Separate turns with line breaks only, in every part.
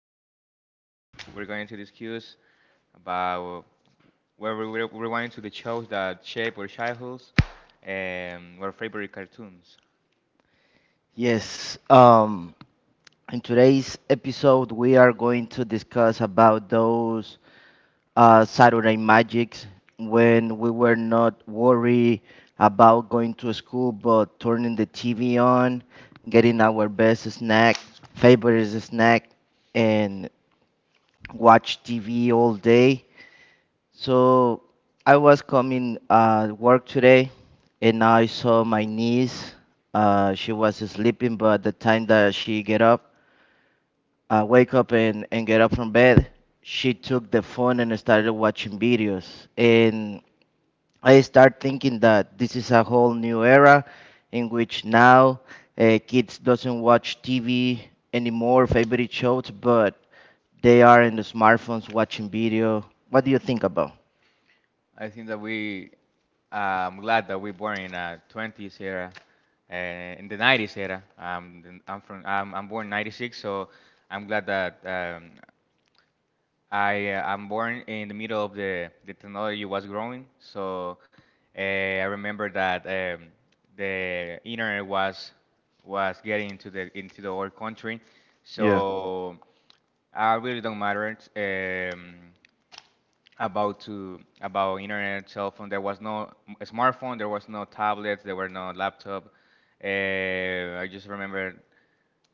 Today
Yes,
we're going to discuss about where we're going to the shows that shape our childhoods and our favorite cartoons.
yes. In today's episode, we are going to discuss about those Saturday magics when we were not worried about going to school, but turning the TV on, getting our best snack, favorite snack, and watch TV all day. So I was coming work today and I saw my niece. She was sleeping, but the time that she get up, wake up and get up from bed, she took the phone and started watching videos. And I start thinking that this is a whole new era in which now kids doesn't watch TV anymore, favorite shows, but they are in the smartphones watching video. What do you think about?
I think that we I'm glad that we born in a 20s era and in the 90s era. Then I'm born '96, so I'm glad that I'm born in the middle of the technology was growing, so I remember that the internet was getting into the whole country,
Yeah.
so I really don't matter about internet, cell phone. There was no smartphone, there was no tablets, there were no laptop. I just remember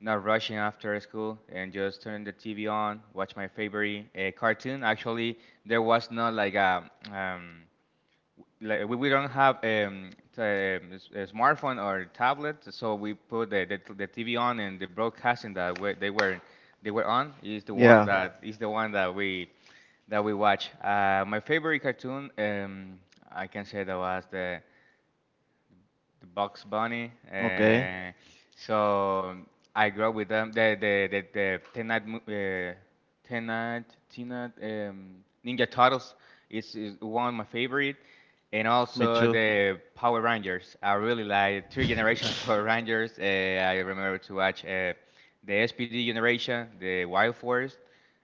not rushing after school and just turning the TV on, watch my favorite cartoon. Actually, there was not like a, like we don't have a smartphone or tablet, so we put the TV on and the broadcasting that they were on is the one.
Yeah.
Right. That is the one that we watch. My favorite cartoon, I can say that was the Bugs Bunny.
Okay,
So I grew up with them. The Teenage Mu- Teenage Teenage Ninja Turtles is one of my favorite, and
me
also
too.
the Power Rangers. I really like three generations of Power Rangers. I remember to watch the SPD generation, the Wild Force,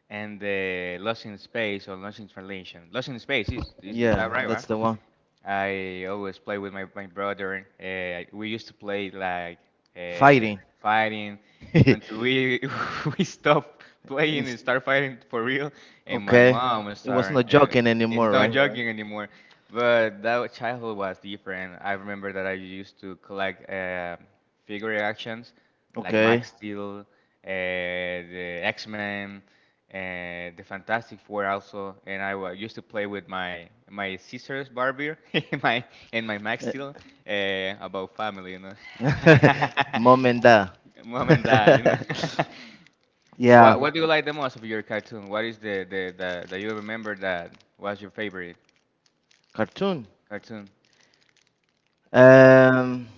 and the Lost in Space or Lost in Translation. Lost in Space is
Yeah,
that right?
that's the one.
I always play with my brother. We used to play like uh,
Fighting.
fighting
It's-
until we we stopped playing and start fighting for real. And my
okay,
mom
it was
started.
not
Uh,
joking anymore,
it's not, all right,
right?
joking anymore. But childhood was different. I remember that I used to collect figure actions like
Okay.
Max Steel, the X Men, uh, the Fantastic Four also, and used to play with my sisters Barbie, my and my Max Steel about family,
Moment da.
mom and dad.
Yeah,
What do you like the most of your cartoon? What is the that you remember that was your favorite
cartoon.
cartoon?
Um,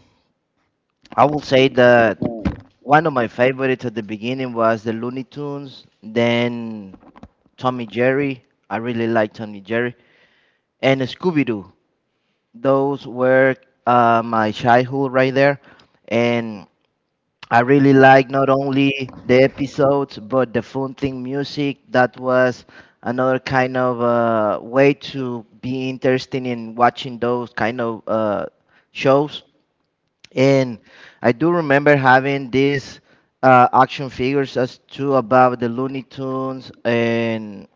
I will say that one of my favorites at the beginning was the Looney Tunes, then Tommy Jerry. I really like Tommy Jerry and Scooby Doo. Those were my childhood right there, and I really like not only the episodes but the fun thing music. That was another kind of way to be interested in watching those kind of shows, and I do remember having these action figures as too about the Looney Tunes and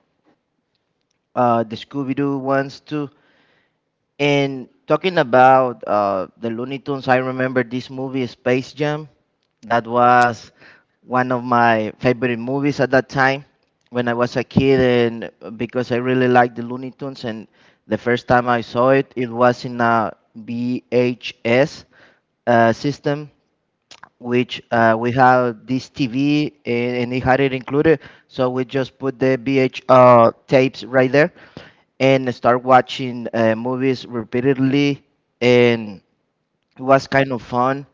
the Scooby-Doo ones too. And talking about the Looney Tunes, I remember this movie, Space Jam. That was one of my favorite movies at that time when I was a kid, and because I really liked the Looney Tunes. And the first time I saw it, it was in a VHS system which we have this TV and it had it included. So we just put the VH uh, tapes right there and start watching movies repeatedly. And it was kind of fun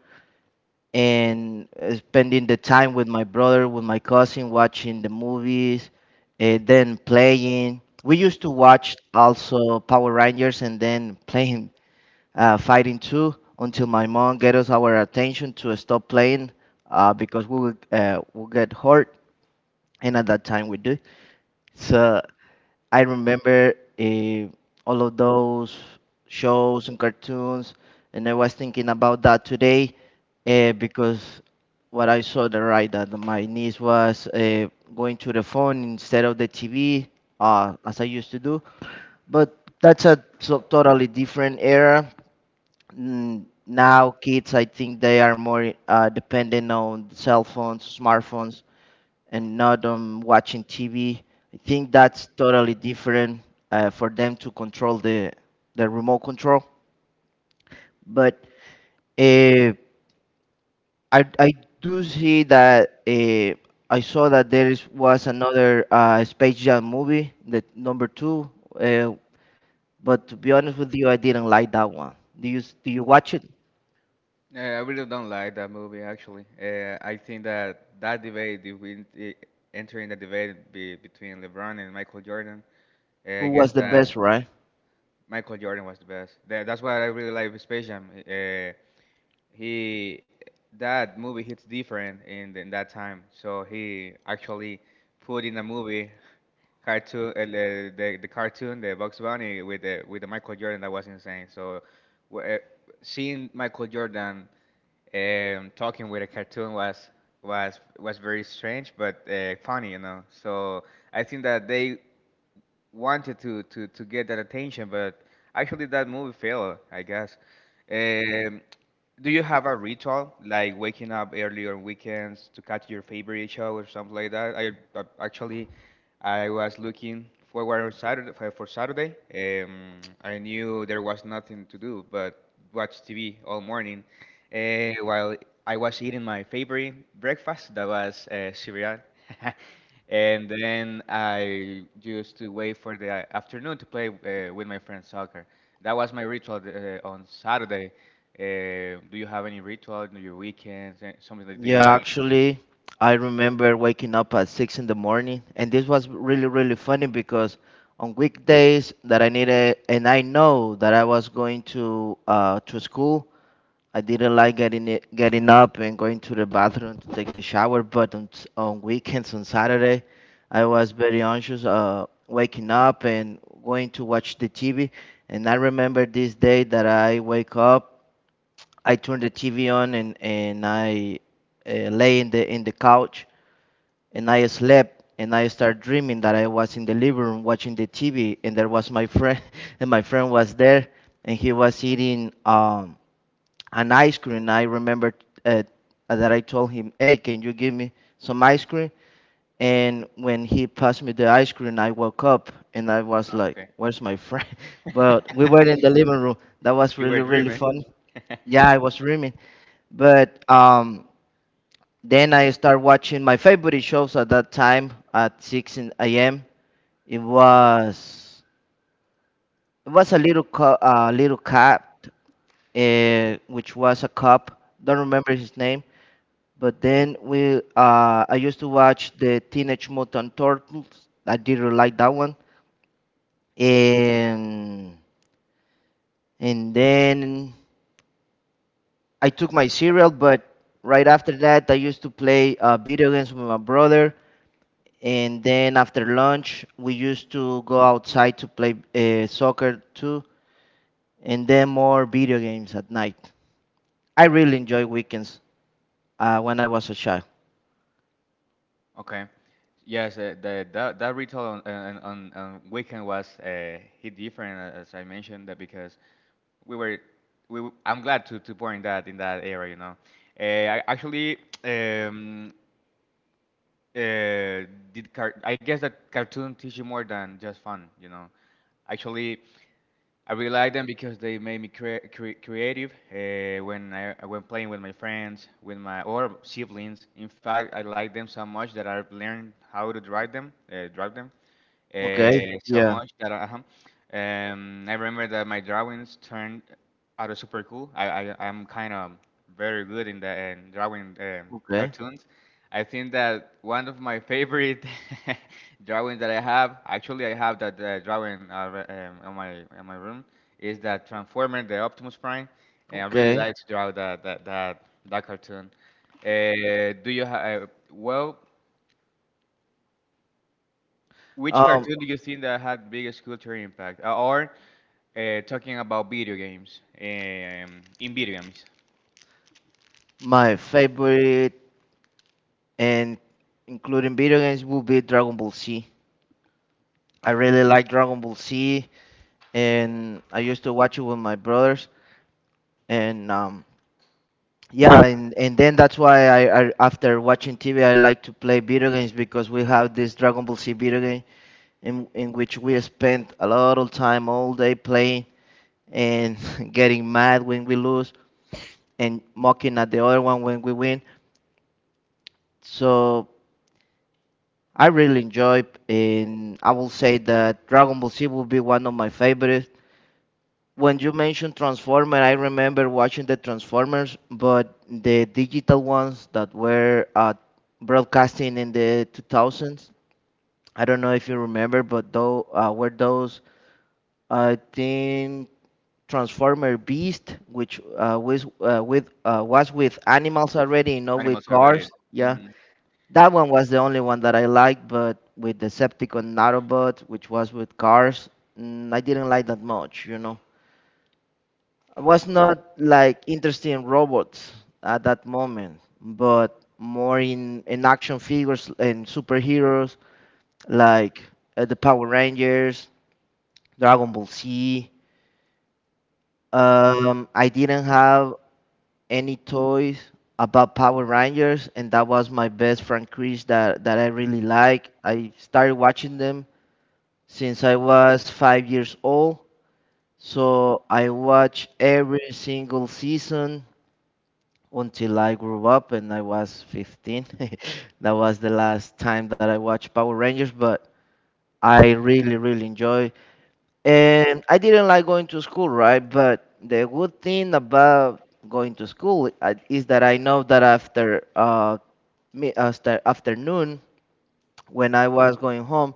and spending the time with my brother, with my cousin, watching the movies and then playing. We used to watch also Power Rangers and then playing fighting too until my mom get us our attention to stop playing because we will get hurt, and at that time we do. So I remember all of those shows and cartoons, and I was thinking about that today because what I saw the right that my niece was going to the phone instead of the TV as I used to do, but that's a totally different era. Now kids, I think they are more dependent on cell phones, smartphones, and not on watching TV. I think that's totally different for them to control the remote control. But uh, I do see that, I saw that there was another Space Jam movie, the number two, uh, but to be honest with you, I didn't like that one. Do you watch it?
Yeah, I really don't like that movie actually. I think that that debate, if we enter in the debate between LeBron and Michael Jordan, I
Who
guess
was the
that
best, right?
Michael Jordan was the best. That's why I really like with Space Jam. He That movie hits different in that time, so he actually put in a movie cartoon the cartoon the Bugs Bunny with the Michael Jordan that was insane. So. wh- eh, Seeing Michael Jordan talking with a cartoon was very strange but funny. So I think that they wanted to get that attention, but actually that movie failed, I guess. Um, do you have a ritual like waking up early on weekends to catch your favorite show or something like that? I actually I was looking forward on Saturday for Saturday. I knew there was nothing to do but watch TV all morning. While I was eating my favorite breakfast, that was cereal. And then I used to wait for the afternoon to play with my friends soccer. That was my ritual on Saturday. Do you have any ritual on your weekends? Something that do you
Yeah,
like?
actually, I remember waking up at six in the morning, and this was really, really funny because on weekdays that I needed, and I know that I was going to school, I didn't like getting up and going to the bathroom to take the shower. But on weekends, on Saturday, I was very anxious, waking up and going to watch the TV. And I remember this day that I wake up. I turned the TV on and I lay in the couch, and I slept and I started dreaming that I was in the living room watching the TV and there was my friend and my friend was there and he was eating an ice cream. I remember uh, that I told him, "Hey, can you give me some ice cream?" And when he passed me the ice cream, I woke up and I was
Oh,
like,
okay,
"Where's my friend?" But we were in the living room. That was
you
really,
were
really
dreaming.
fun. Yeah, I was dreaming. But then I started watching my favorite shows at that time at 6 a.m. It was it was a little little cat, which was a cop. Don't remember his name, but then I used to watch the Teenage Mutant Turtles. I did really like that one, and and then I took my cereal. But right after that, I used to play video games with my brother. And then after lunch, we used to go outside to play soccer too, and then more video games at night. I really enjoy weekends when I was a child.
Okay, yes, the, that that ritual on weekend was hit different as I mentioned that because we were we w- I'm glad to point that in that area. I actually um did car I guess that cartoon teach you more than just fun. Actually. I really like them because they made me creative when I when playing with my friends, with my or siblings. In fact, I like them so much that I've learned how to drive them
Okay.
so
Yeah.
much that I remember that my drawings turned out of super cool. I'm kind of very good in drawing
Okay.
cartoons. I think that one of my favorite drawings that I have, actually I have that drawing on my room, is that Transformer, the Optimus Prime, and I really
Okay.
like to draw that cartoon. Uh, do you have? Well, which
Um,
cartoon do you think that had biggest cultural impact? Or talking about video games, in video games,
My favorite and including video games would be Dragon Ball Z. I really like Dragon Ball Z, and I used to watch it with my brothers. And yeah, and then that's why I after watching TV I like to play video games because we have this Dragon Ball Z video game in which we spend a lot of time all day playing and getting mad when we lose and mocking at the other one when we win. So I really enjoy, and I will say that Dragon Ball Z will be one of my favorites. When you mentioned Transformer, I remember watching the Transformers, but the digital ones that were broadcasting in the 2000s. I don't know if you remember, but though were those, I think, Transformer Beast, which was with animals already, with
animals are
cars.
varied.
Yeah,
Mhm.
that one was the only one that I liked, but with Decepticon Autobot, which was with cars, I didn't like that much. I was not like interested in robots at that moment, but more in action figures and superheroes like the Power Rangers, Dragon Ball Z. I didn't have any toys about Power Rangers, and that was my best friend, Chris, that I really like. I started watching them since I was 5 years old. So I watched every single season until I grew up and I was 15. That was the last time that I watched Power Rangers, but I really, really enjoy. And I didn't like going to school, right? But the good thing about going to school is that I know that after afternoon when I was going home,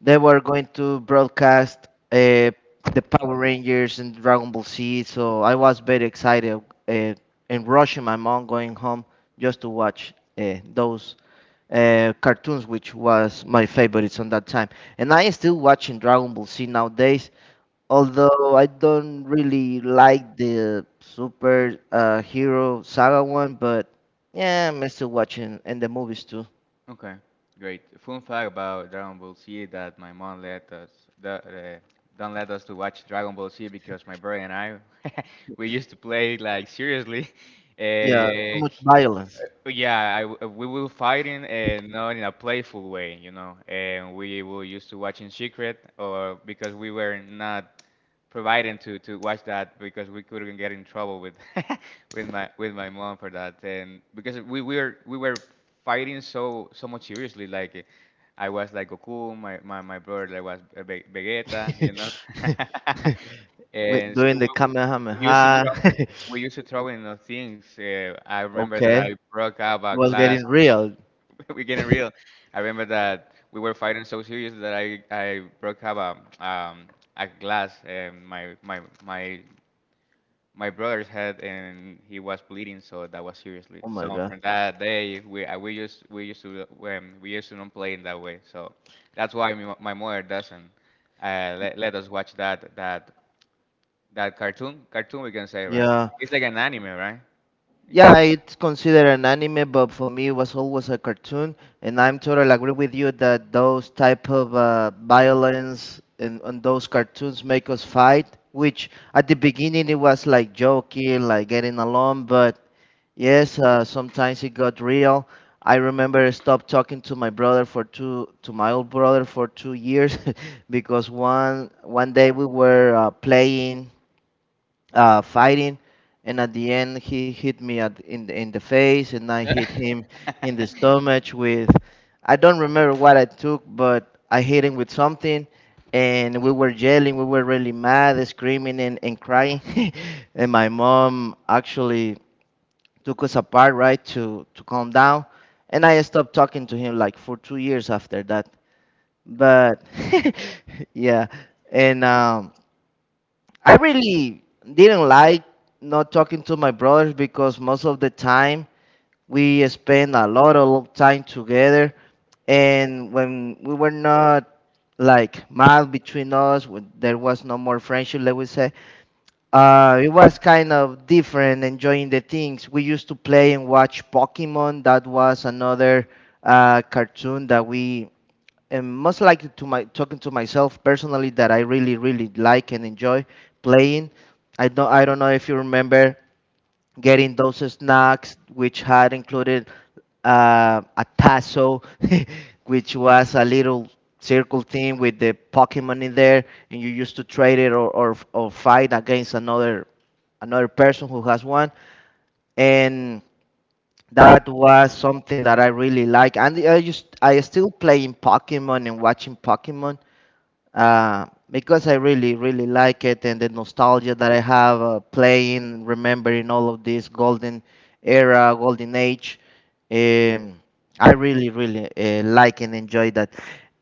they were going to broadcast the Power Rangers and Dragon Ball Z, so I was very excited uh, and rushing my mom going home just to watch those cartoons, which was my favorites on that time. And I am still watching Dragon Ball Z nowadays, although I don't really like the Super Hero Saga one, but yeah, I'm still watching and the movies too.
Okay, great. Fun fact about Dragon Ball Z that my mom the, uh, don't let us to watch Dragon Ball Z because my brother and I we used to play like seriously.
Yeah, too
Uh,
much violence.
yeah, I w we will fighting and not in a playful way, and we will used to watch in secret or because we were not providing to watch that because we couldn't get in trouble with with my mom for that and because we were fighting so much seriously like I was like Goku my brother like was Vegeta.
With
and so
doing
we,
the
we used to. Yeah. throw
Kamehameha.
we used to throw in the things I remember that
Okay.
I broke up
It
a
was
glass.
getting real.
we're getting real I remember that we were fighting so serious that I broke up a um a glass and my brother's head and he was bleeding, so that was seriously.
Oh my
So
god.
from that day, we used to not play in that way. So that's why my mother doesn't let us watch that cartoon we can say right.
Yeah.
It's like an anime, right?
Yeah, it's considered an anime, but for me it was always a cartoon. And I'm totally agree with you that those type of violence and those cartoons make us fight, which at the beginning it was like joking, like getting along, but yes, sometimes it got real. I remember I stopped talking to my old brother for 2 years because one day we were playing, fighting, and at the end he hit me in the face, and I hit him in the stomach with I don't remember what I took, but I hit him with something, and we were yelling, we were really mad, screaming and crying, and my mom actually took us apart, right, to calm down. And I stopped talking to him like for 2 years after that. But yeah, and I really didn't like not talking to my brothers because most of the time we spend a lot of time together, and when we were not like mild between us, when there was no more friendship, let we say, it was kind of different, enjoying the things. We used to play and watch Pokemon. That was another cartoon and most likely to my talking to myself personally, that I really, really like and enjoy playing. I don't know if you remember getting those snacks, which had included a tasso, which was a little circle thing with the Pokemon in there, and you used to trade it or fight against another person who has one. And that was something that I really like. And I still playing Pokemon and watching Pokemon, because I really, really like it and the nostalgia that I have playing, remembering all of this golden era, golden age. Um, I really, really like and enjoy that.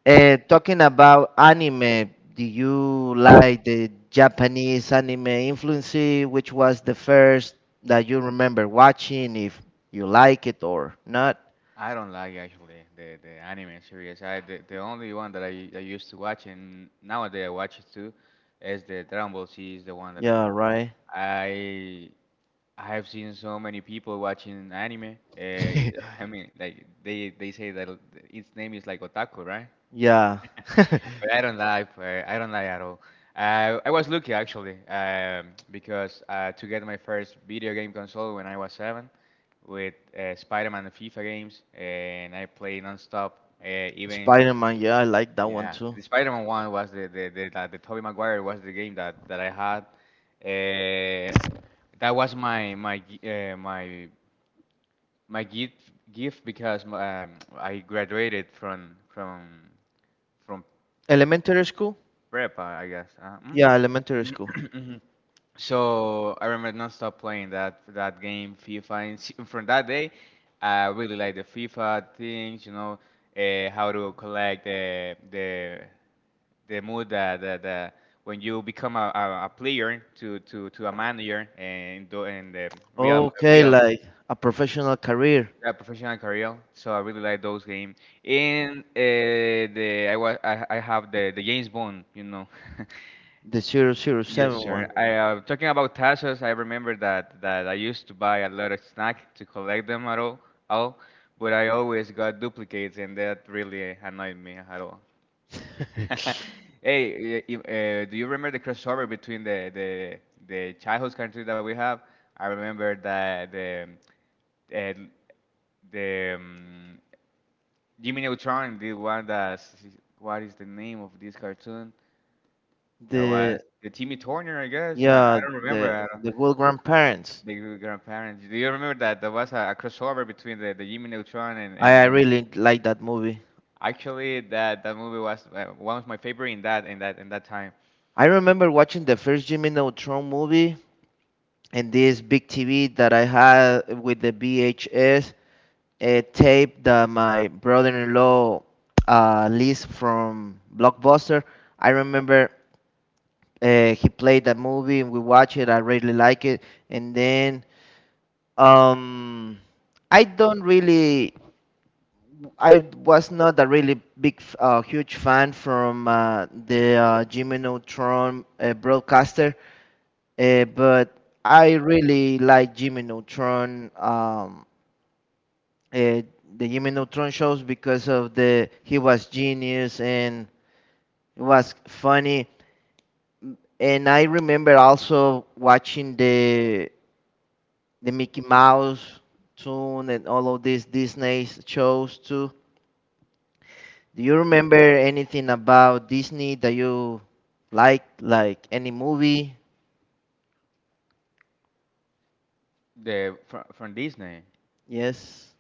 Talking about anime, do you like the Japanese anime influence? Which was the first that you remember watching, if you like it or not?
I don't like actually the anime series. The only one that I used to watch and nowadays I watch it too is the Dragon Ball Z is the one that I
Yeah,
like.
right.
I. I have seen so many people watching anime. I mean, like they say that its name is like otaku, right?
Yeah.
But I don't lie. I don't lie at all. I was lucky actually because to get my first video game console when I was seven, with Spider-Man and FIFA games, and I played nonstop. Even
Spider-Man, yeah, I like that one
yeah,
too.
the Spider-Man one was the Tobey Maguire was the game that I had. Uh, that was my my g- my my gift gift because I graduated from pre-
Elementary school?
prepa, I guess. Mm?
Yeah, elementary school.
Mhm. So I remember non-stop playing that game FIFA. And from that day, I really like the FIFA things, how to collect the mood that the when you become a player to a manager and in the real
Okay,
real
like a professional career,
a professional career. So I really like those games. And the I was I have the James Bond.
the zero zero
Yes,
seven
sure.
one.
I Talking about tazos, I remember that I used to buy a lot of snack to collect them at all, but I always got duplicates, and that really annoyed me at all. Hey, do you remember the crossover between the childhood country that we have? I remember that uh, the Jimmy Neutron the one that what is the name of this cartoon? That was
the
the Timmy Turner, I guess. I,
yeah,
I don't remember
the the good grandparents.
the grandparents. Do you remember that there was a crossover between the Jimmy Neutron and,
I,
and,
I
and
really like that movie.
actually that movie was one of my favorite in that time.
I remember watching the first Jimmy Neutron movie and this big TV that I had with the VHS a tape that my brother-in-law leased from Blockbuster. I remember he played that movie and we watched it. I really like it. And then um, I don't really, I was not a really big, huge fan from the Jimmy Neutron broadcaster, but I really like Jimmy Neutron. Uh, the Jimmy Neutron shows because of the he was genius and it was funny. And I remember also watching the Mickey Mouse tune and all of these Disney shows too. Do you remember anything about Disney that you like any movie?
From Disney,
Yes.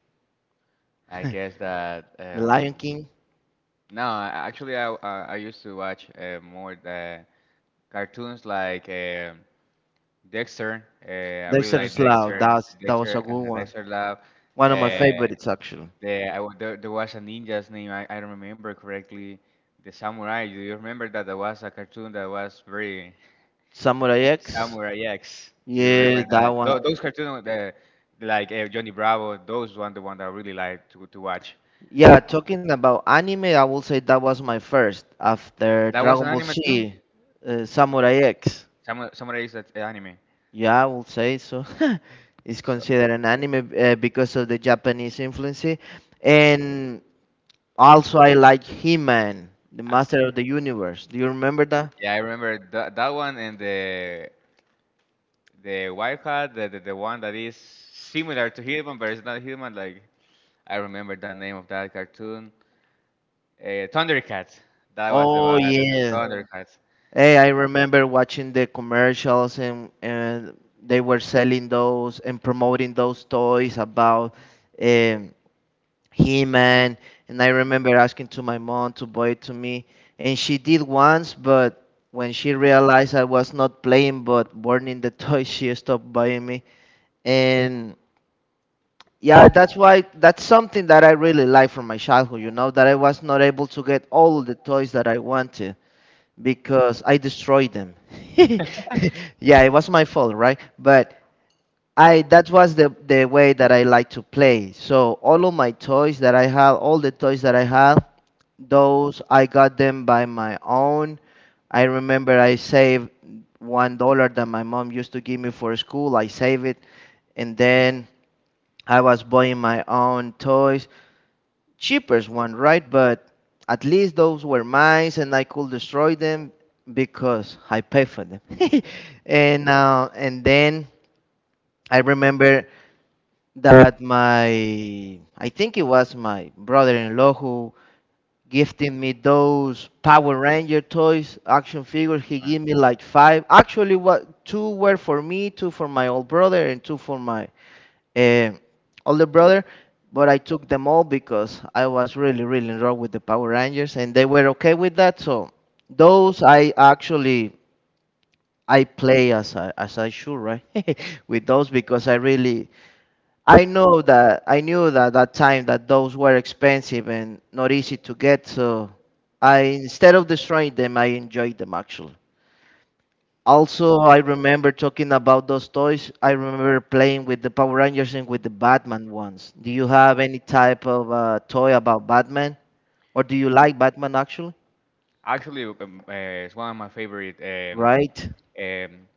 I guess that
The Lion King,
no, actually I used to watch more the cartoons like Dexter. I really
Desert
like
Slough.
Dexter.
That was a
Dexter,
good one.
Dexter Lab.
One of my
Uh,
favorites actually.
there was a ninja's name. I don't remember correctly. The samurai. Do you remember that? There was a cartoon that was very
Samurai X.
Samurai X. Do you
Yeah,
remember
that
that?
one.
Those cartoons, like Johnny Bravo, those one the one that I really like to watch.
Yeah, talking about anime, I will say that was my first after
That was an
Dragon Ball
anime too.
Z, Samurai X.
Samurai is an anime.
Yeah, I will say so. It's
So
considered an anime because of the Japanese influence, and also I like He-Man, the Master of the Universe. Do you remember that?
yeah, I remember that one and the white hat, the one that is similar to Hitman, but it's not Hitman. Like I remember the name of that cartoon. Thundercats. That was the
Oh
one. The
yeah.
Thundercats.
Hey, I remember watching the commercials, and they were selling those and promoting those toys about. Um, He-Man. And I remember asking to my mom to buy it to me, and she did once, but when she realized I was not playing but burning the toy, she stopped buying me. And yeah, that's something that I really like from my childhood, that I was not able to get all the toys that I wanted because I destroyed them. Yeah, it was my fault, right? But I that was the way that I like to play. So all of my toys that I have, all the toys that I have, those I got them by my own. I remember I saved $1 that my mom used to give me for school. I saved it, and then I was buying my own toys, cheapest one, right? But at least those were mine, and I could destroy them because I paid for them. And then I remember that my I think it was my brother-in-law who gifted me those Power Ranger toys, action figures. He
Uh,
gave me like five. Actually, what, two were for me, two for my old brother, and two for my eh, older brother. But I took them all because I was really, really in love with the Power Rangers, and they were okay with that. So those, I actually, I play as I, should, right? With those because I really I know that I knew that that time that those were expensive and not easy to get, so I instead of destroying them, I enjoyed them actually. Also, I remember talking about those toys. I remember playing with the Power Rangers and with the Batman ones. Do you have any type of toy about Batman, or do you like Batman actually?
Actually, it's one of my favorite
Right,
um,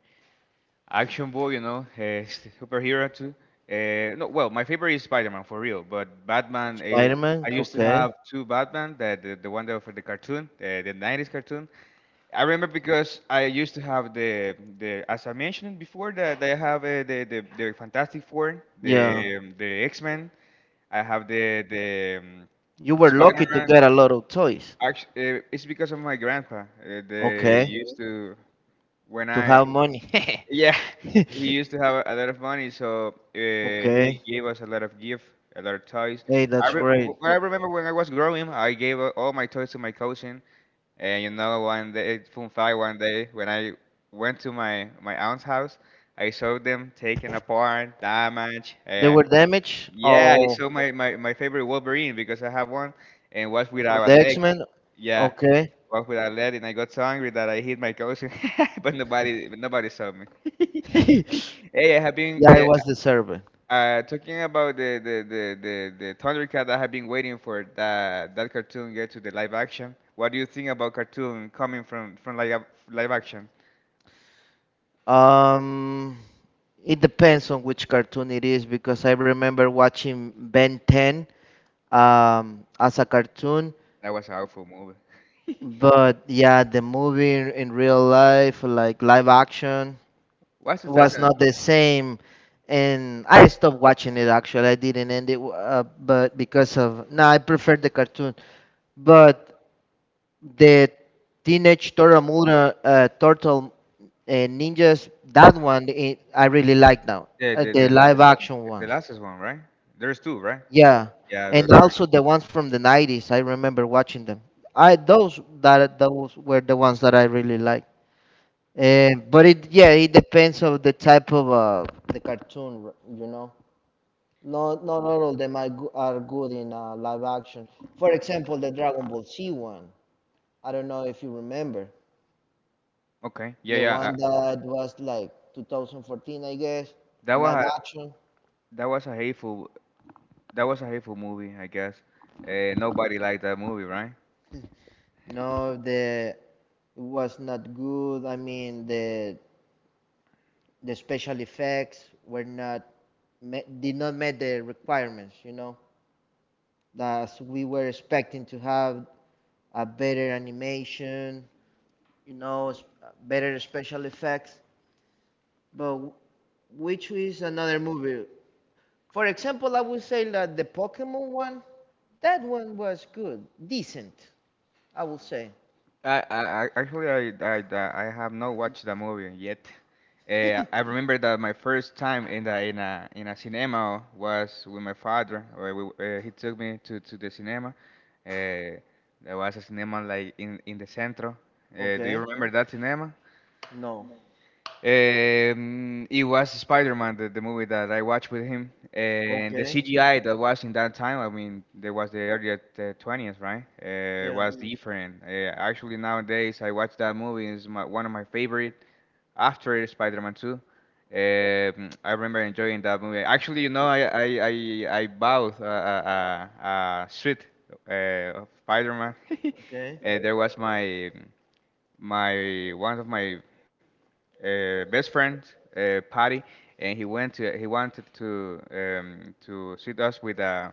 action boy. You know, superhero too. No, well, my favorite is Spider-Man for real, but Batman.
Spider-Man.
I used to
Okay,
have two Batman, the one that for the cartoon, the '90s cartoon, I remember because I used to have the as I mentioned before that I have the Fantastic Four,
yeah,
the X Men. I have the
you were
Spider
lucky to
Man.
get a lot of toys.
Actually, it's because of my grandpa. They
Okay,
used to when
to
I
have money.
yeah, he used to have a lot of money, so he
Okay.
gave us a lot of gift, a lot of toys.
Hey, that's great.
What I remember when I was growing, I gave all my toys to my cousin, and you know, one day, fun fact, one day when I went to my aunt's house, I saw them taken apart, damaged.
They were damaged
Yeah, I
all
saw my favorite Wolverine because I have one, and was
from the
without a leg.
X-Men.
Yeah,
Okay.
walked without lead, and I got so angry that I hit my cousin, but nobody saw me. Hey, I have been
Yeah, it was the serpent.
talking about the Thundercat. I have been waiting for that cartoon get to the live action. What do you think about cartoon coming from live action?
Um, it depends on which cartoon it is because I remember watching Ben 10 as a cartoon,
That was an awful movie.
but yeah, the movie in real life, like live action,
What's
was
2000?
not the same. And I stopped watching it actually. I didn't end it, but because of no, I preferred the cartoon. But the Teenage Tortamura, Turtle Ninjas, that one, I really like now.
The the the,
The
la,
live action
the
ones.
last one, right? There's two, right?
Yeah.
Yeah,
And
those are
also the ones from the 90s. I remember watching them. I those that Those were the ones that I really liked. And but it yeah, it depends on the type of the cartoon, you know. Not all of them are good in live action. For example, the Dragon Ball Z one. I don't know if you remember.
okay. Yeah,
The
yeah.
one that was like 2014, I guess,
That
live,
was a,
Action.
that was a hateful That was a hateful movie, I guess. Nobody liked that movie, right?
No, the it was not good. I mean, the special effects were not me- did not meet the requirements. You know, that we were expecting to have a better animation. You know, better special effects. But which is another movie. For example, I would say that the Pokemon one, that one was good, decent, I would say.
Actually, I have not watched the movie yet. I remember that my first time in the in a cinema was with my father. Or we, he took me to the cinema. Uh, there was a cinema like in the centro. Do you
Okay,
remember that cinema?
no.
It was Spider-Man, the movie that I watched with him, and the
Okay,
CGI that was in that time. I mean, there was the early 20s, right?
yeah,
Was different. Actually, nowadays I watch that movie. It's one of my favorite after Spider-Man 2. I remember enjoying that movie. Actually, you know, I bought a suit of Spider-Man.
okay.
There was my one of my best friend party, and he went to he wanted to sit us with a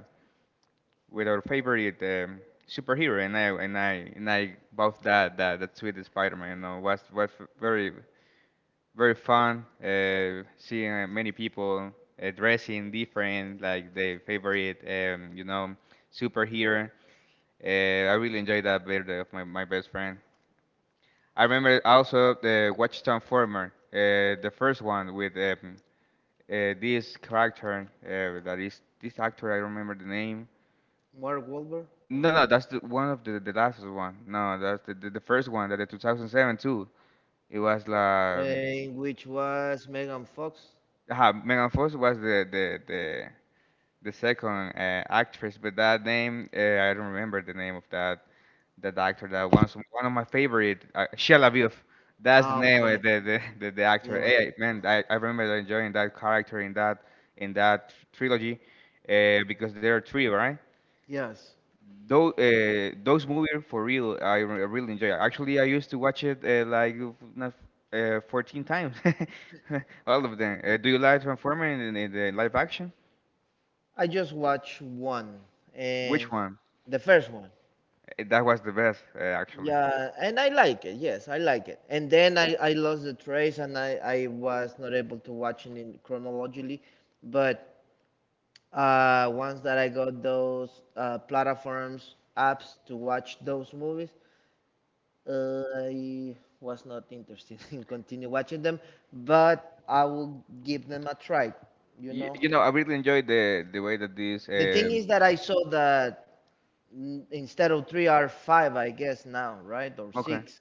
with our favorite superhero, and I bought that sweet Spider-Man. You know, was very very fun seeing many people dressing different, like their favorite you know superhero. Uh, I really enjoyed that birthday of my best friend. I remember also the Watch Transformer, the first one with this character that is this actor I don't remember the name.
Mark Wahlberg, no.
No, no, that's the, one of the last one. No, that's the first one that the 2007 too. It was like
In which was Megan Fox.
Megan Fox was the second actress, but that name I don't remember the name of that actor. That one of my favorite Shia LaBeouf. That's the
Ah,
name
okay,
of the actor.
yeah,
Hey, man, I remember enjoying that character in that trilogy because there are three, right?
yes.
Though those movies for real, really enjoy. Actually, I used to watch it like f- not 14 times, all of them. Do you like Transformer in the live action?
I just watched one, and
Which one?
the first one.
That was the best, actually.
Yeah, and I like it. Yes, I like it. And then I lost the trace and I was not able to watch it in chronologically. But once that I got those platforms apps to watch those movies, I was not interested in continue watching them, but I will give them a try. You
You,
know,
you know, I really enjoyed the way that this.
the thing is that I saw that instead of three are five, I guess now, right, or
Okay,
six.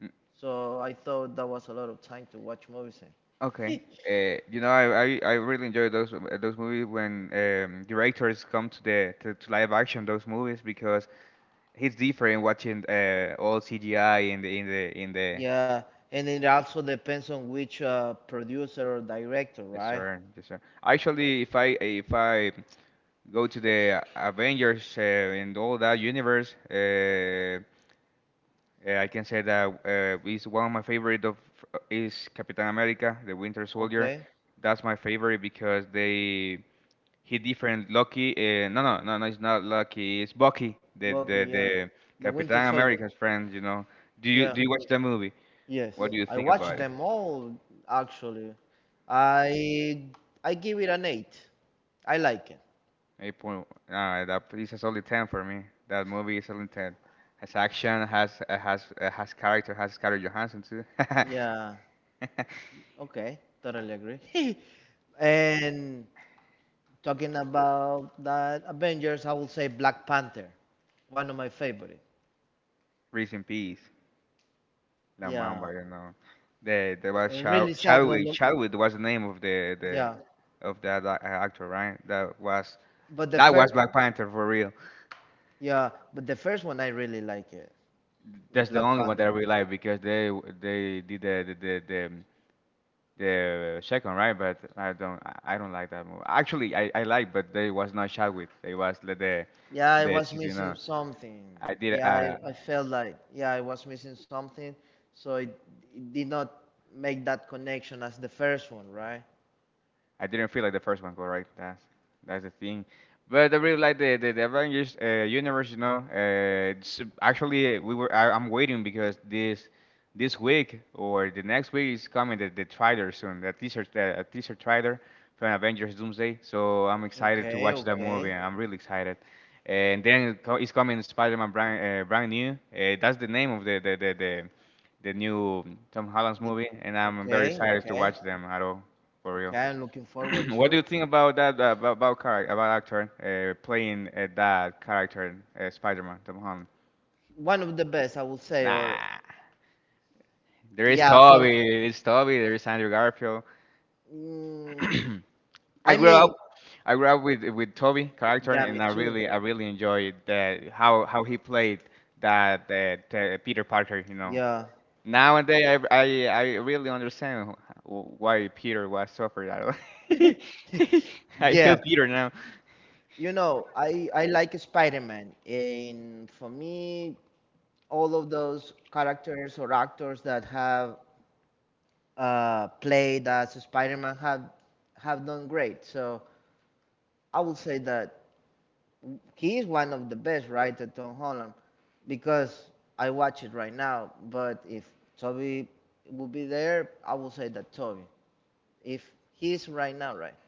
mm,
So I thought that was a lot of time to watch movies in.
okay. You know, I really enjoy those movies when directors come to to live action those movies because It's different watching all CGI in the
Yeah, and it also depends on which producer or director,
yes
right?
sir yes sir. Actually, if I go to the Avengers and all that universe, I can say that is one of my favorite of is Captain America, the Winter Soldier.
Okay.
That's my favorite because they He different Loki. No, no, no, no. It's not Loki. It's Bucky, the
Bucky,
the
yeah.
the
The Winter
Captain
Soldier.
America's friend. You know.
Yeah.
Do you watch that movie?
Yes.
What do you
I
think
watched
about it?
them all actually. I I give it an 8. I like it.
Eight point. That is a solid ten for me. That movie is a solid ten. Has action. Has character. Has Scarlett Johansson too.
Yeah. Okay. Totally agree. And talking about that Avengers, I will say Black Panther, one of my favorite.
Rest in peace. La
Yeah.
Mamba, you know. The was Shaw
Really sad and
Chadwick. Chadwick was the name of the
yeah.
of that actor, right?
But the
That was
first
Black Panther for real.
yeah, but the first one I really like it. The
That's the
Black
only one that
Panther.
I really like because they did the second right, but I don't I don't like that movie. Actually, I like, but they was not Chadwick. They was the the,
Yeah, I
the
was
you know.
missing something.
I did.
Yeah, I, I felt like, yeah, I was missing something. So it did not make that connection as the first one, right?
I didn't feel like the first one, correct? That's the thing. But I really like the Avengers universe. You know, it's, actually we were I'm waiting because this week or the next week is coming the trailer soon, the teaser a teaser trailer from Avengers Doomsday. So I'm excited to
Okay,
watch that movie.
okay.
I'm really excited. And then it's coming Spider-Man brand, brand new. That's the name of the new Tom Holland's
The-
movie, and I'm very
Okay,
excited to
okay.
watch them at all, for real.
Okay, I'm looking forward
What do
to
you think about that about actor playing that character Spider-Man Tom Holland?
one of the best, I would say, or
Nah, there is
yeah, for
Toby, there is Toby, there is Andrew Garfield.
mm,
I
I
grew up.
mean,
I grew up with Toby character,
yeah,
and
me too.
I really enjoyed the, how he played that Peter Parker. You know,
Yeah.
nowadays, I, I really understand why Peter was suffered that way. I
Yeah,
feel Peter now.
I like Spider-Man. And for me, all of those characters or actors that have played as Spider-Man have done great. So I will say that he is one of the best, right, Tom Holland, because I watch it right now. But if Toby would be there, I will say that Toby. If he's right now, right.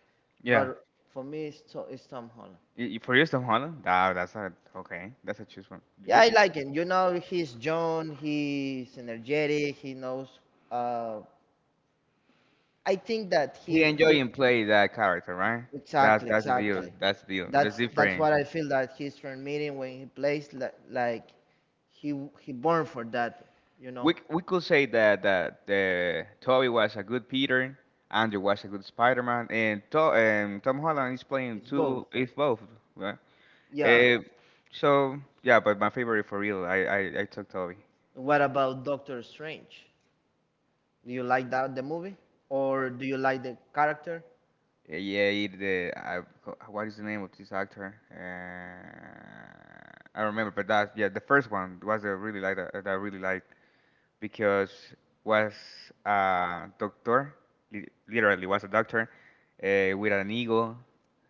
Yeah,
But for me, it's Tom Holland.
For you, Tom Holland. Ah, that's a okay. That's a choose one. You,
Yeah, I like him. You know, he's John. He's energetic. He knows. Uh, I think that
he
he
enjoying play that character, right?
exactly,
That's the deal.
exactly.
That's the deal. That's
That's
different.
what I feel that he's transmitting when he plays like he born for that, you
We,
know.
c- we could say that that Toby was a good Peter, Andrew was a good Spider-Man, and Tom Holland is playing
It's
two,
both.
is both. Right?
Yeah.
Uh, so yeah, but my favorite for real, I took Toby.
What about Doctor Strange? Do you like that the movie or do you like the character?
Yeah, he, the I, what is the name of this actor? I don't remember, but that yeah, the first one was a really like that I really like. Because was a doctor, literally was a doctor with an eagle,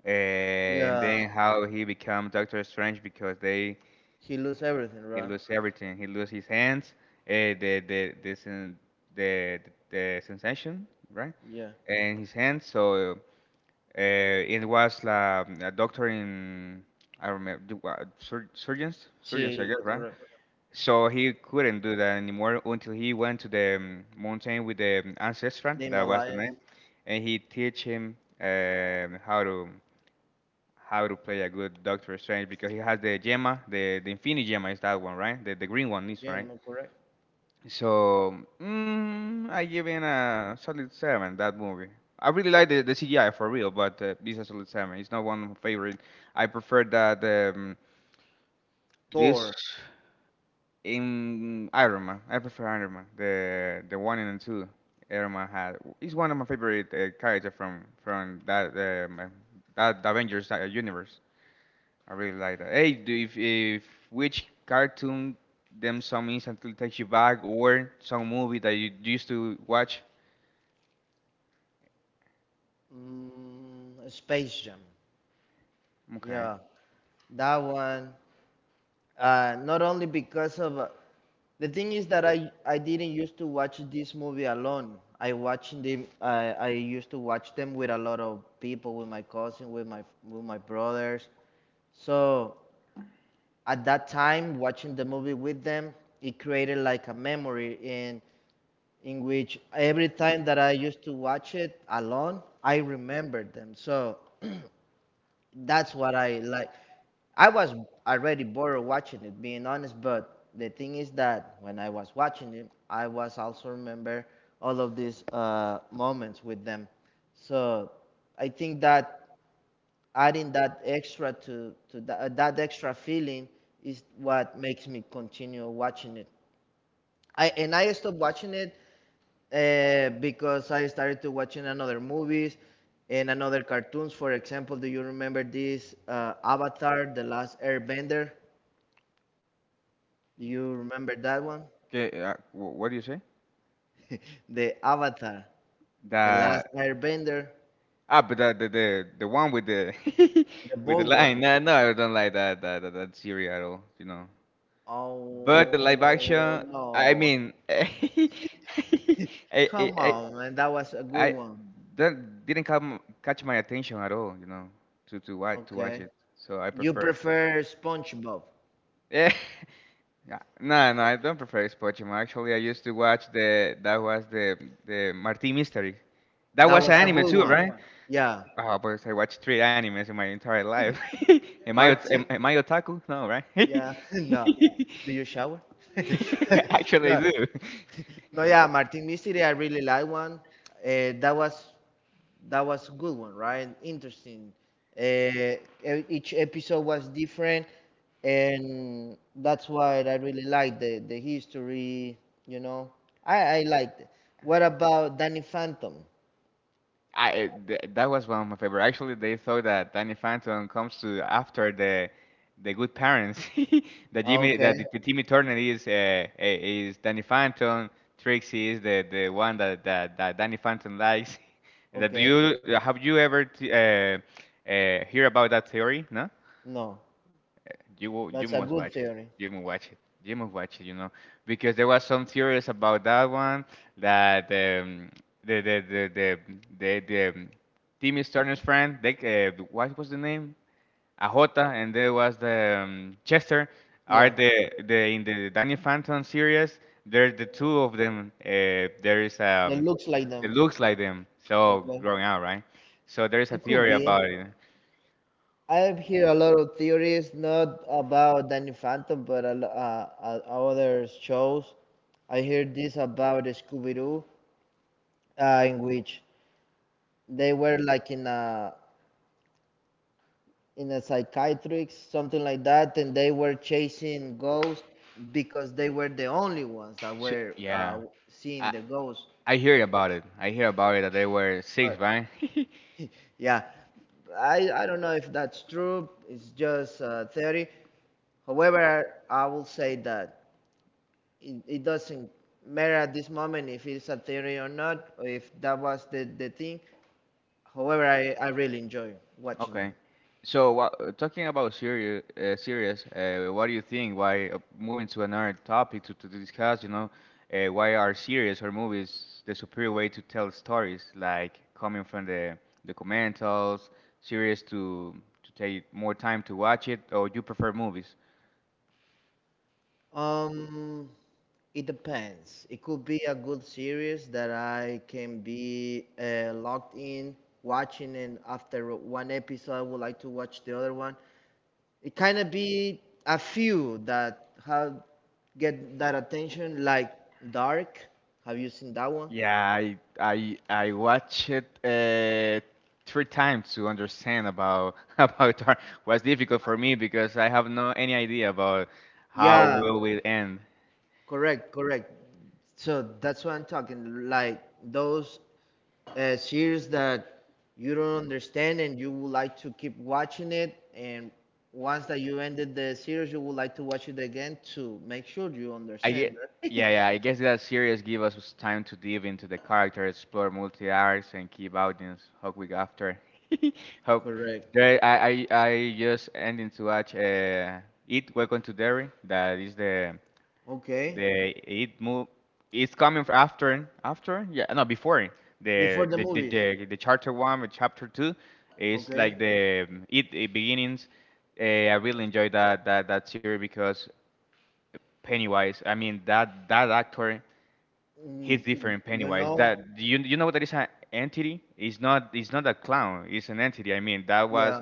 and
Yeah.
then how he become Doctor Strange because they
He lose everything,
he
right?
lose everything. He lose his hands, uh, the the the, sen- the the sensation, right?
Yeah.
And his hands, so uh, it was a doctor in, I remember, the wa- sur surgeons, surgeons, I
She
guess, right?
correct.
So he couldn't do that anymore until he went to the mountain with the ancestral,
The
that was the
Himalayas.
name, and he teach him how to play a good Doctor Strange because he has the gemma, the Infinity Gemma is that one, right? The green one is right.
Jim, correct.
So, I give in a solid seven that movie. I really like the CGI for real, but this is a solid seven. It's not one of my favorite. I prefer that this
Thor.
in Iron Man. I prefer Iron Man. The one and two Iron Man had. It's one of my favorite character from um, uh, that Avengers universe. I really like that. Hey, do if which cartoon them some instantly takes you back or some movie that you used to watch?
Space Jam.
Okay.
Yeah. That one, not only because of the thing is that I didn't used to watch this movie alone. I watched them. I used to watch them with a lot of people, with my cousin, with my brothers. So at that time, watching the movie with them, it created like a memory in which every time that I used to watch it alone, I remembered them. So that's what I like. I was already bored of watching it, being honest, but the thing is that when I was watching it, I was also remember all of these moments with them. So I think that adding that extra, feeling is what makes me continue watching it. I And I stopped watching it because I started to watching another movies and another cartoons. For example, do you remember this Avatar: The Last Airbender? Do you remember that one?
Okay. What do you say?
The Avatar: The Last
That
Airbender,
ah, but the one with the
the
with the
bold
line.
one.
No, no, I don't like that series at all. You know. But the live
Oh
action, I
no!
mean, I,
Come
I,
on, man, that was a good
I-
one.
that didn't come catch my attention at all, you know, to watch to watch
Okay,
it. So I
you
prefer.
prefer SpongeBob?
Yeah. Yeah. No, no, I don't prefer Spongebob. Actually, I used to watch the that was the Martin Mystery. That
That
was an
was a
anime
good
too,
one.
right?
Yeah,
Oh, but I watched three animes in my entire life.
Martin.
Am I otaku? No, right?
Yeah, no. Do you shower?
Actually, I
No,
do.
no, yeah, Martin Mystery, I really like one. Uh, that was that was a good one, right? Interesting. Uh, each episode was different, and that's why I really liked the history. You know, I liked it. What about Danny Phantom?
That was one of my favorite. Actually, they thought that Danny Phantom comes to after the Good Parents. that
Ah,
Jimmy,
okay,
that the, Timmy Turner is Danny Phantom. Trixie is the one that Danny Phantom likes. That do
okay.
you Have you ever hear about that theory? No.
No,
You
that's a
must
good
watch it.
theory.
You must watch it. You must watch it. You know, because there was some theories about that one that the the the the the Timmy Turner's friend, what was the name? Ahota, and there was the Chester. Are
Yeah,
the in the Danny Phantom series? There's the two of them. There is,
that looks like
it
them.
looks like them. So
Okay,
growing up, right? So there is a
it could
theory
be.
about it.
I've heard a lot of theories, not about Danny Phantom, but other shows. I heard this about Scooby Doo, in which they were like in a psychiatric something like that, and they were chasing ghosts because they were the only ones that were
Yeah,
seeing
I
the ghosts.
I hear about it. I hear about it that they were six,
But
right?
yeah, I don't know if that's true. It's just theory. However, I will say that it doesn't matter at this moment if it's a theory or not, or if that was the thing. However, I really enjoy watching
Okay.
them.
So, talking about serious, what do you think? Why moving to another topic to discuss? You know, why are series or movies the superior way to tell stories? Like coming from the documentals, series to take more time to watch it, or you prefer movies?
Um, it depends. It could be a good series that I can be locked in watching, and after one episode, I would like to watch the other one. It kind of be a few that have get that attention, like Dark. Have you seen that one?
Yeah, I watched it three times to understand about about Tar. Was difficult for me because I have no any idea about how, yeah,
Yeah,
will it end.
correct, correct. So that's what I'm talking. Like those series that you don't understand and you would like to keep watching it, and once that you ended the series, you would like to watch it again to make sure you
I get.
understand. Right?
Yeah, yeah. I guess that series give us time to dive into the character, explore multi arcs, and keep audience hooked week after. Hope
Correct.
there I just ending to watch it. Welcome to Derry. That is
Okay.
the it move it's coming after, yeah, no, before
Before
the
the
the the,
movies.
the, the chapter one with chapter two is
Okay.
like the it beginnings. I really enjoyed that series because Pennywise. I mean, that actor, he's
Mm,
different
you
Pennywise
know.
that you, you know, what that is an entity. It's not a clown. It's an entity. I mean, that
Yeah.
was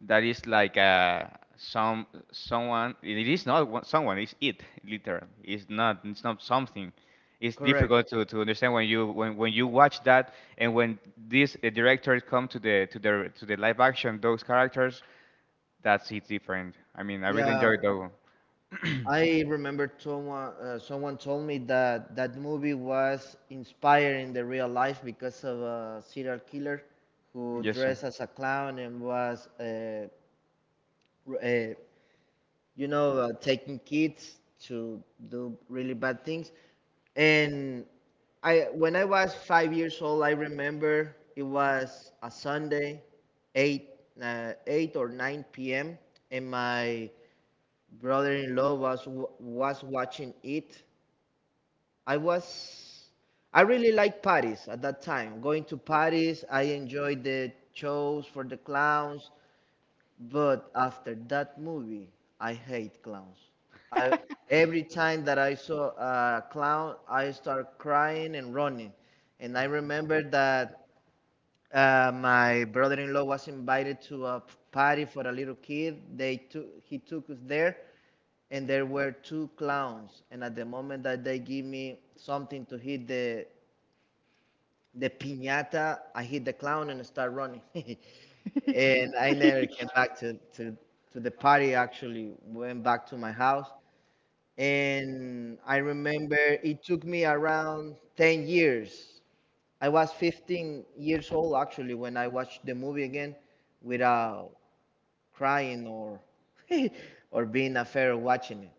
that is like, some someone. It is not someone. It literally, it's not something. It's
Correct.
difficult to understand when you watch that. And when these directors come to the live action, those characters, that's it different. I mean, I really
Yeah.
enjoyed that one.
I remember someone told me that that movie was inspired in the real life because of a serial killer who
Yes, sir.
dressed as a clown and was r- uh, taking kids to do really bad things. And I when I was 5 years old, I remember it was a Sunday, eight 8 or 9 p.m. and my brother-in-law was was watching it. I was I really liked Paris at that time. Going to Paris, I enjoyed the shows for the clowns, but after that movie, I hate clowns. I every time that I saw a clown, I start crying and running. And I remember that my brother-in-law was invited to a party for a little kid. They took he took us there, and there were two clowns. And at the moment that they give me something to hit the piñata, I hit the clown and start running. And I never came back to the party. Actually, went back to my house. And I remember it took me around 10 years I was 15 years old actually when I watched the movie again without crying or or being afraid of watching it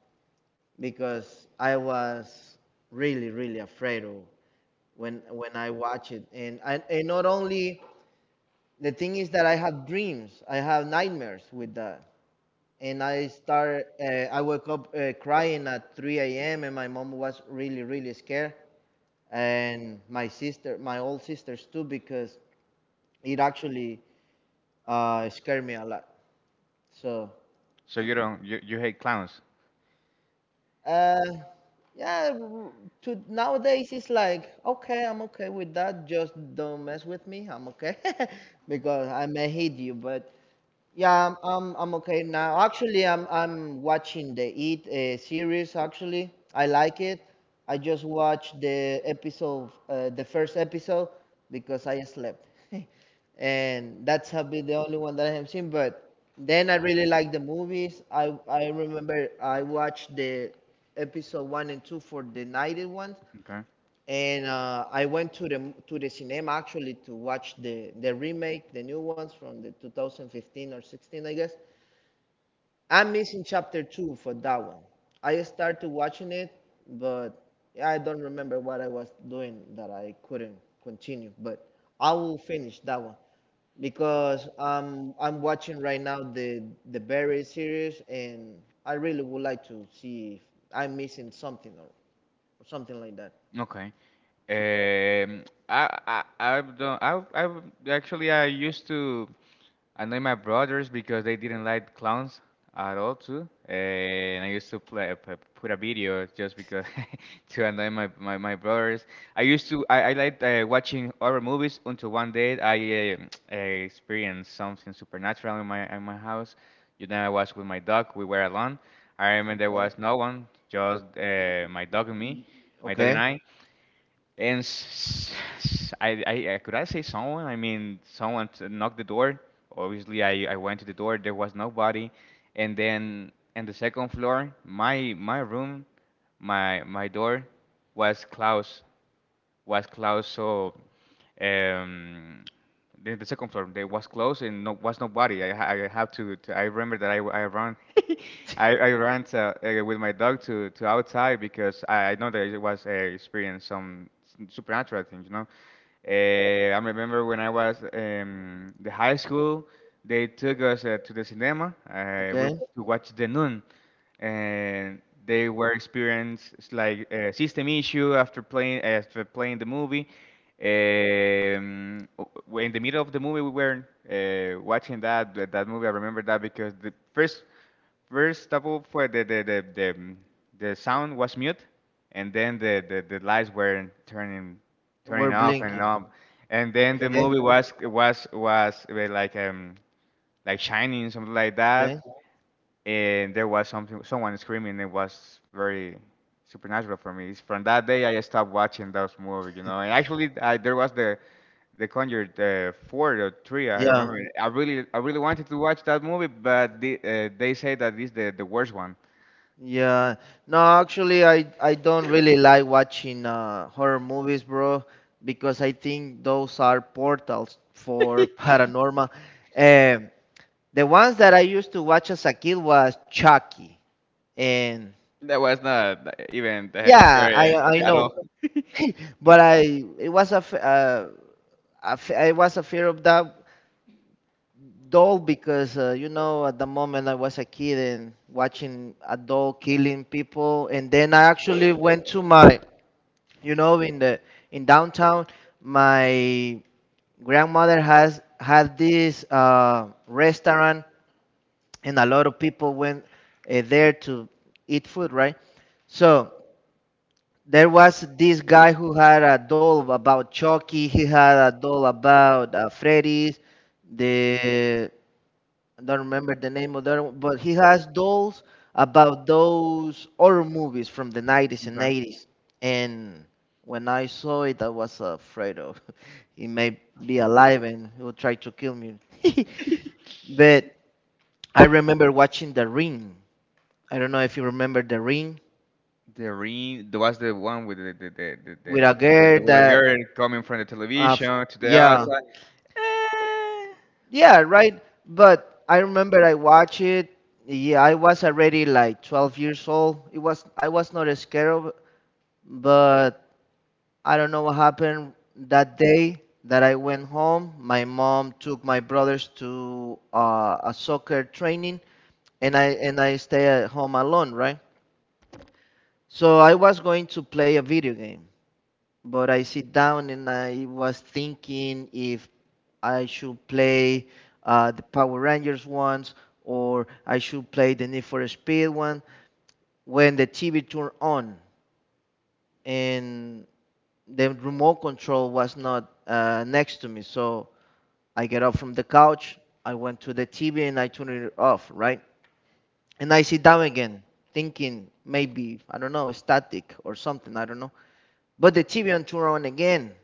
because I was really really afraid of when I watch it and not only the thing is that I have nightmares with that and I woke up crying at 3 a.m. and my mom was really really scared and my old sisters too because it actually scared me a lot. So,
So you don't, you hate clowns?
uh, yeah, to nowadays it's like okay, I'm okay with that. Just don't mess with me. I'm okay because I may hate you, but yeah, I'm okay now. Actually, I'm watching the It series. Actually, I like it. I just watched the episode, the first episode, because I slept, and that's a bit the only one that I have seen. But then I really like the movies. I remember I watched the episode one and two for the nighted ones,
Okay.
and I went to the cinema actually to watch the remake, the new ones from the 2015 or 16, I guess. I'm missing chapter two for that one. I started watching it, but I don't remember what I was doing that I couldn't continue. But I will finish that one because I'm watching right now the Barry series, and I really would like to see if I'm missing something or something like that.
Okay. Um, I've done. I Actually, I used to annoy my brothers because they didn't like clowns at all too. And I used to put a video just because to annoy my brothers. I used to, I liked watching horror movies until one day I experienced something supernatural in my house. You know, I was with my dog. We were alone. I remember there
Okay.
was no one, just my dog and me, my dog and
Okay.
I. And could I say someone? I mean, someone knocked the door. Obviously, I went to the door. There was nobody. And then in the second floor, my room, my door was closed, so um, the second floor they was closed and no, was nobody. I, ha- I have to I remember that I ran I ran to, with my dog to outside because I know that it was, experienced some supernatural things. I remember when I was, the high school, they took us to the cinema,
Okay,
to watch The Nun, and they were experienced like a system issue after playing the movie. Um, w- in the middle of the movie, we were watching that movie. I remember that because the first of all, for the, mm, the sound was mute, and then the lights were turning
we're
off and
blinking.
on, and then the
Okay,
movie was like shining, something like
okay,
that, and there was something someone screaming. It was very supernatural for me. It's from that day I stopped watching those movies. And actually, there was the Conjured four or three. I
yeah,
remember I really wanted to watch that movie, but they say that this the worst one,
yeah. No, actually, I don't really like watching horror movies, bro, because I think those are portals for paranormal. Um, the ones that I used to watch as a kid was Chucky, and
that was not even
yeah, I
scary
I
at
know,
all.
but I it was a f- I was afraid of that dull because at the moment I was a kid and watching a doll killing people, and then I actually went to my, you know, in the in downtown, my grandmother has had this restaurant, and a lot of people went there to eat food, right? So there was this guy who had a doll about Chucky. He had a doll about Freddy's, the I don't remember the name of that but he has those about those horror movies from the 90s and
Okay.
80s. And when I saw it, I was afraid of he may be alive and he will try to kill me. But I remember watching The Ring. I don't know if you remember The Ring
The Ring, there was the one with the the the the,
with a
the, the,
girl
the with a
that,
girl coming from the
uh, f-
television to the
yeah,
outside.
yeah, right. But I remember I watched it. Yeah, I was already like 12 years old. It was I was not scared of but I don't know what happened that day that I went home. My mom took my brothers to a soccer training, and I stay at home alone, right? So I was going to play a video game, but I sit down and I was thinking if I should play the Power Rangers ones or I should play the Need for Speed one when the TV turned on and the remote control was not next to me. So I get up from the couch, I went to the TV and I turned it off, right? And I sit down again, thinking maybe, I don't know, static or something, I don't know. But the TV on turned on again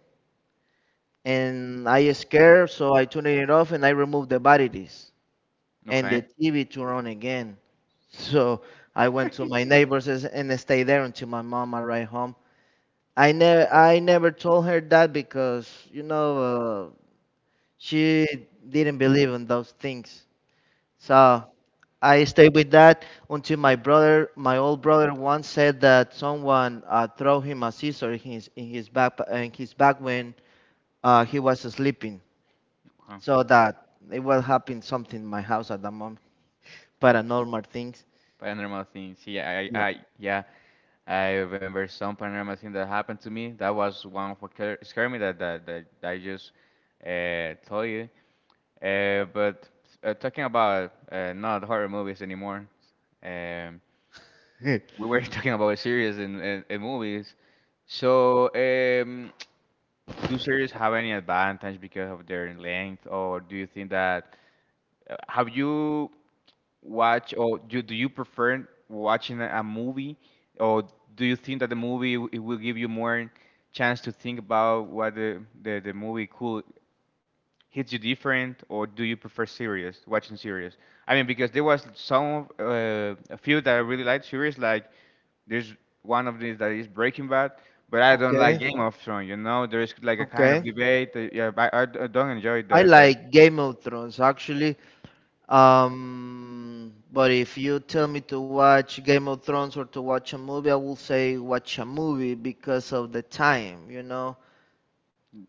and I scared, so I turned it off and I removed the batteries and
Okay,
the TV turned on again. So I went to my neighbors and I stayed there until my mom arrived home. I never told her that because uh, she didn't believe in those things. So I stayed with that until my brother, my old brother, once said that someone threw him a scissor in his back when he was sleeping.
okay.
So that it will happen something in my house at the moment, paranormal things.
Paranormal things. Yeah,
Yeah.
yeah, I remember some paranormal thing that happened to me. That was one of scared me that I just told you. But talking about not horror movies anymore, um, we were talking about series and movies. So, do series have any advantage because of their length, or do you think that have you watch, or do you prefer watching a movie, or do you think that the movie, it will give you more chance to think about what the movie could hits you different, or do you prefer series, watching series? I mean, because there was some a few that I really liked series, like there's one of these that is Breaking Bad, but I don't like
Okay,
Game of Thrones. You know, there's like a kind of
okay.
debate, yeah, but I don't enjoy
I
the.
like Game of Thrones actually. But if you tell me to watch Game of Thrones or to watch a movie, I will say watch a movie because of the time.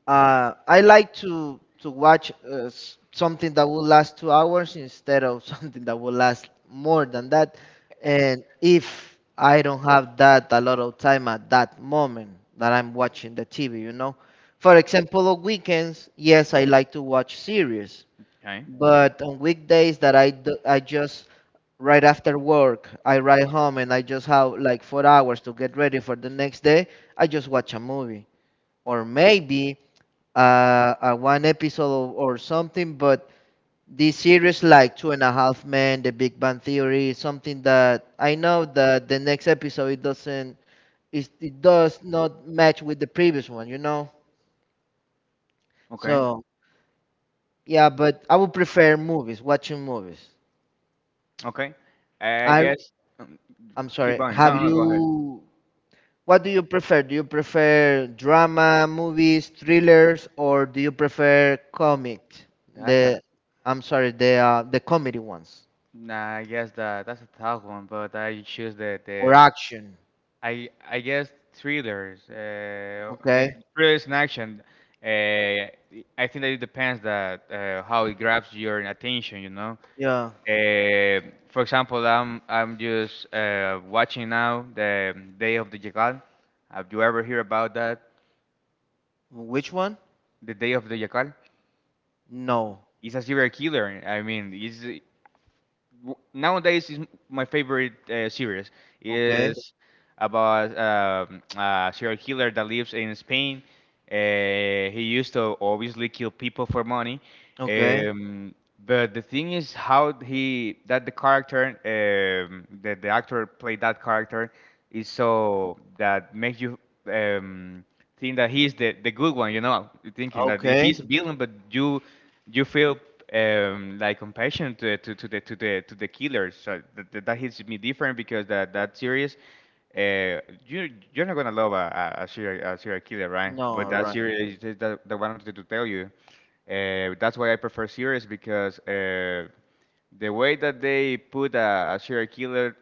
I like to watch something that will last 2 hours instead of something that will last more than that. And if I don't have that a lot of time at that moment that I'm watching the TV. For example, on weekends, yes, I like to watch series
Okay,
but on weekdays that I do, I just right after work, I ride home and I just have like 4 hours to get ready for the next day. I just watch a movie or maybe uh, one episode or something. But these series like Two and a Half Men, The Big Bang Theory, something that I know that the next episode it does not match with the previous one.
okay.
So yeah, but I would prefer movies, watching movies.
Okay. I
I
guess, um,
I'm
keep
sorry.
going.
Have
No, no, go ahead.
you? What do you prefer? Do you prefer drama, movies, thrillers, or do you prefer comic?
That's a,
The I'm sorry, the comedy ones
nah, I guess that that's a tough one, but I choose
or
the
action.
I guess thrillers.
Okay.
Thrillers in action. Uh, I think that it depends that how it grabs your attention.
Yeah.
Uh, for example, I'm just watching now the Day of the Jackal. Have you ever heard about that?
Which one?
The Day of the Jackal.
No.
It's a serial killer. I mean, nowadays is my favorite series,
Okay.
is about a serial killer that lives in Spain. He used to, obviously, kill people for money,
Okay.
um, but the thing is how he, that the character, that the actor played that character is so, that makes you, um, think that he's the good one, you know, thinking that he's
Okay.
a villain, but you feel, like compassion to the killers. So that hits me different, because that series, uh, you're not gonna love a serial killer, right? But
No.
that
Right.
series is the one I wanted to tell you. That's why I prefer series, because the way that they put a serial killer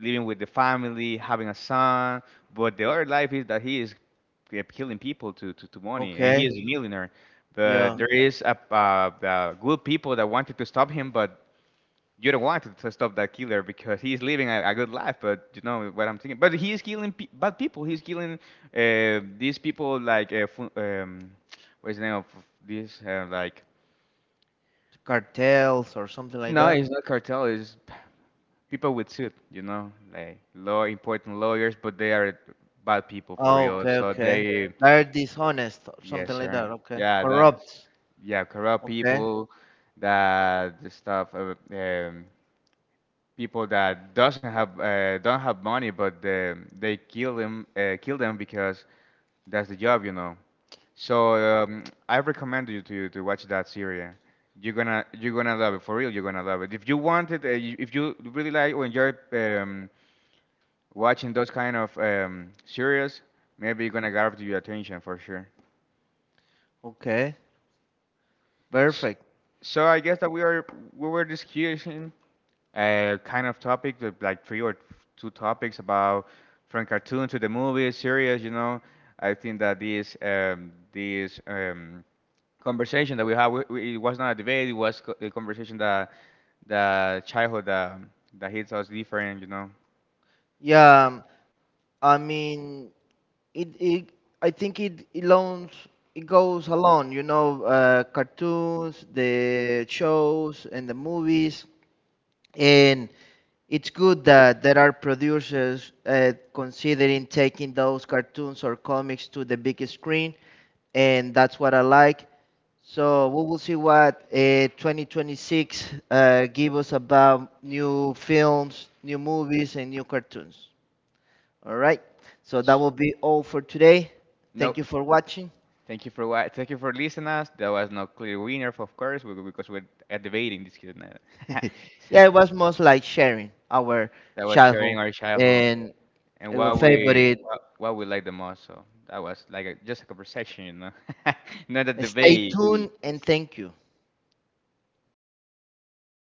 living with the family, having a son. But the other life is that he is killing people to money, and he
Okay.
is a millionaire. But
Yeah.
there is good people that wanted to stop him, but you don't want to stop that killer because he is living a good life. But you know what I'm thinking, but he is killing bad people. He's killing these people like, what's the name of this? Like,
Cartels or something like
no,
that.
it's not cartel. It's people with suit, like law, important lawyers, but they are bad people for
Oh,
real.
okay.
So
Okay.
they,
They're dishonest or
yes,
something like that.
sir,
Okay.
yeah, that's,
Corrupt.
yeah, corrupt
Okay.
people, that the stuff, people that doesn't have don't have money, but they kill them because that's the job. So, I recommend you to watch that series. You're gonna love it for real. You're gonna love it. If you want it, if you really like or enjoy, watching those kind of, series, maybe gonna grab your attention for sure.
Okay.
S-
Perfect.
So I guess that we were discussing a kind of topic, with, like, three or two topics about, from cartoon to the movie series. You know, I think that this conversation that we had, it was not a debate. It was a conversation that the childhood that hits us different. You know,
Yeah, I mean, it I think it loans it goes along, cartoons, the shows, and the movies, and it's good that there are producers considering taking those cartoons or comics to the big screen, and that's what I like. So we will see what 2026 give us about new films, new movies, and new cartoons. All right. So that
S-
will be all for today.
no.
Thank you for watching.
Thank you for listening us. There was no clear winner, of course, because we're debating this kid.
Yeah, it was most like sharing our
that was
childhood
sharing our childhood
and
and
our
what we
favorite.
what, what we like the most. So that was like just a conversation, not a
Stay
debate.
tuned and thank you.
Thank you, guys.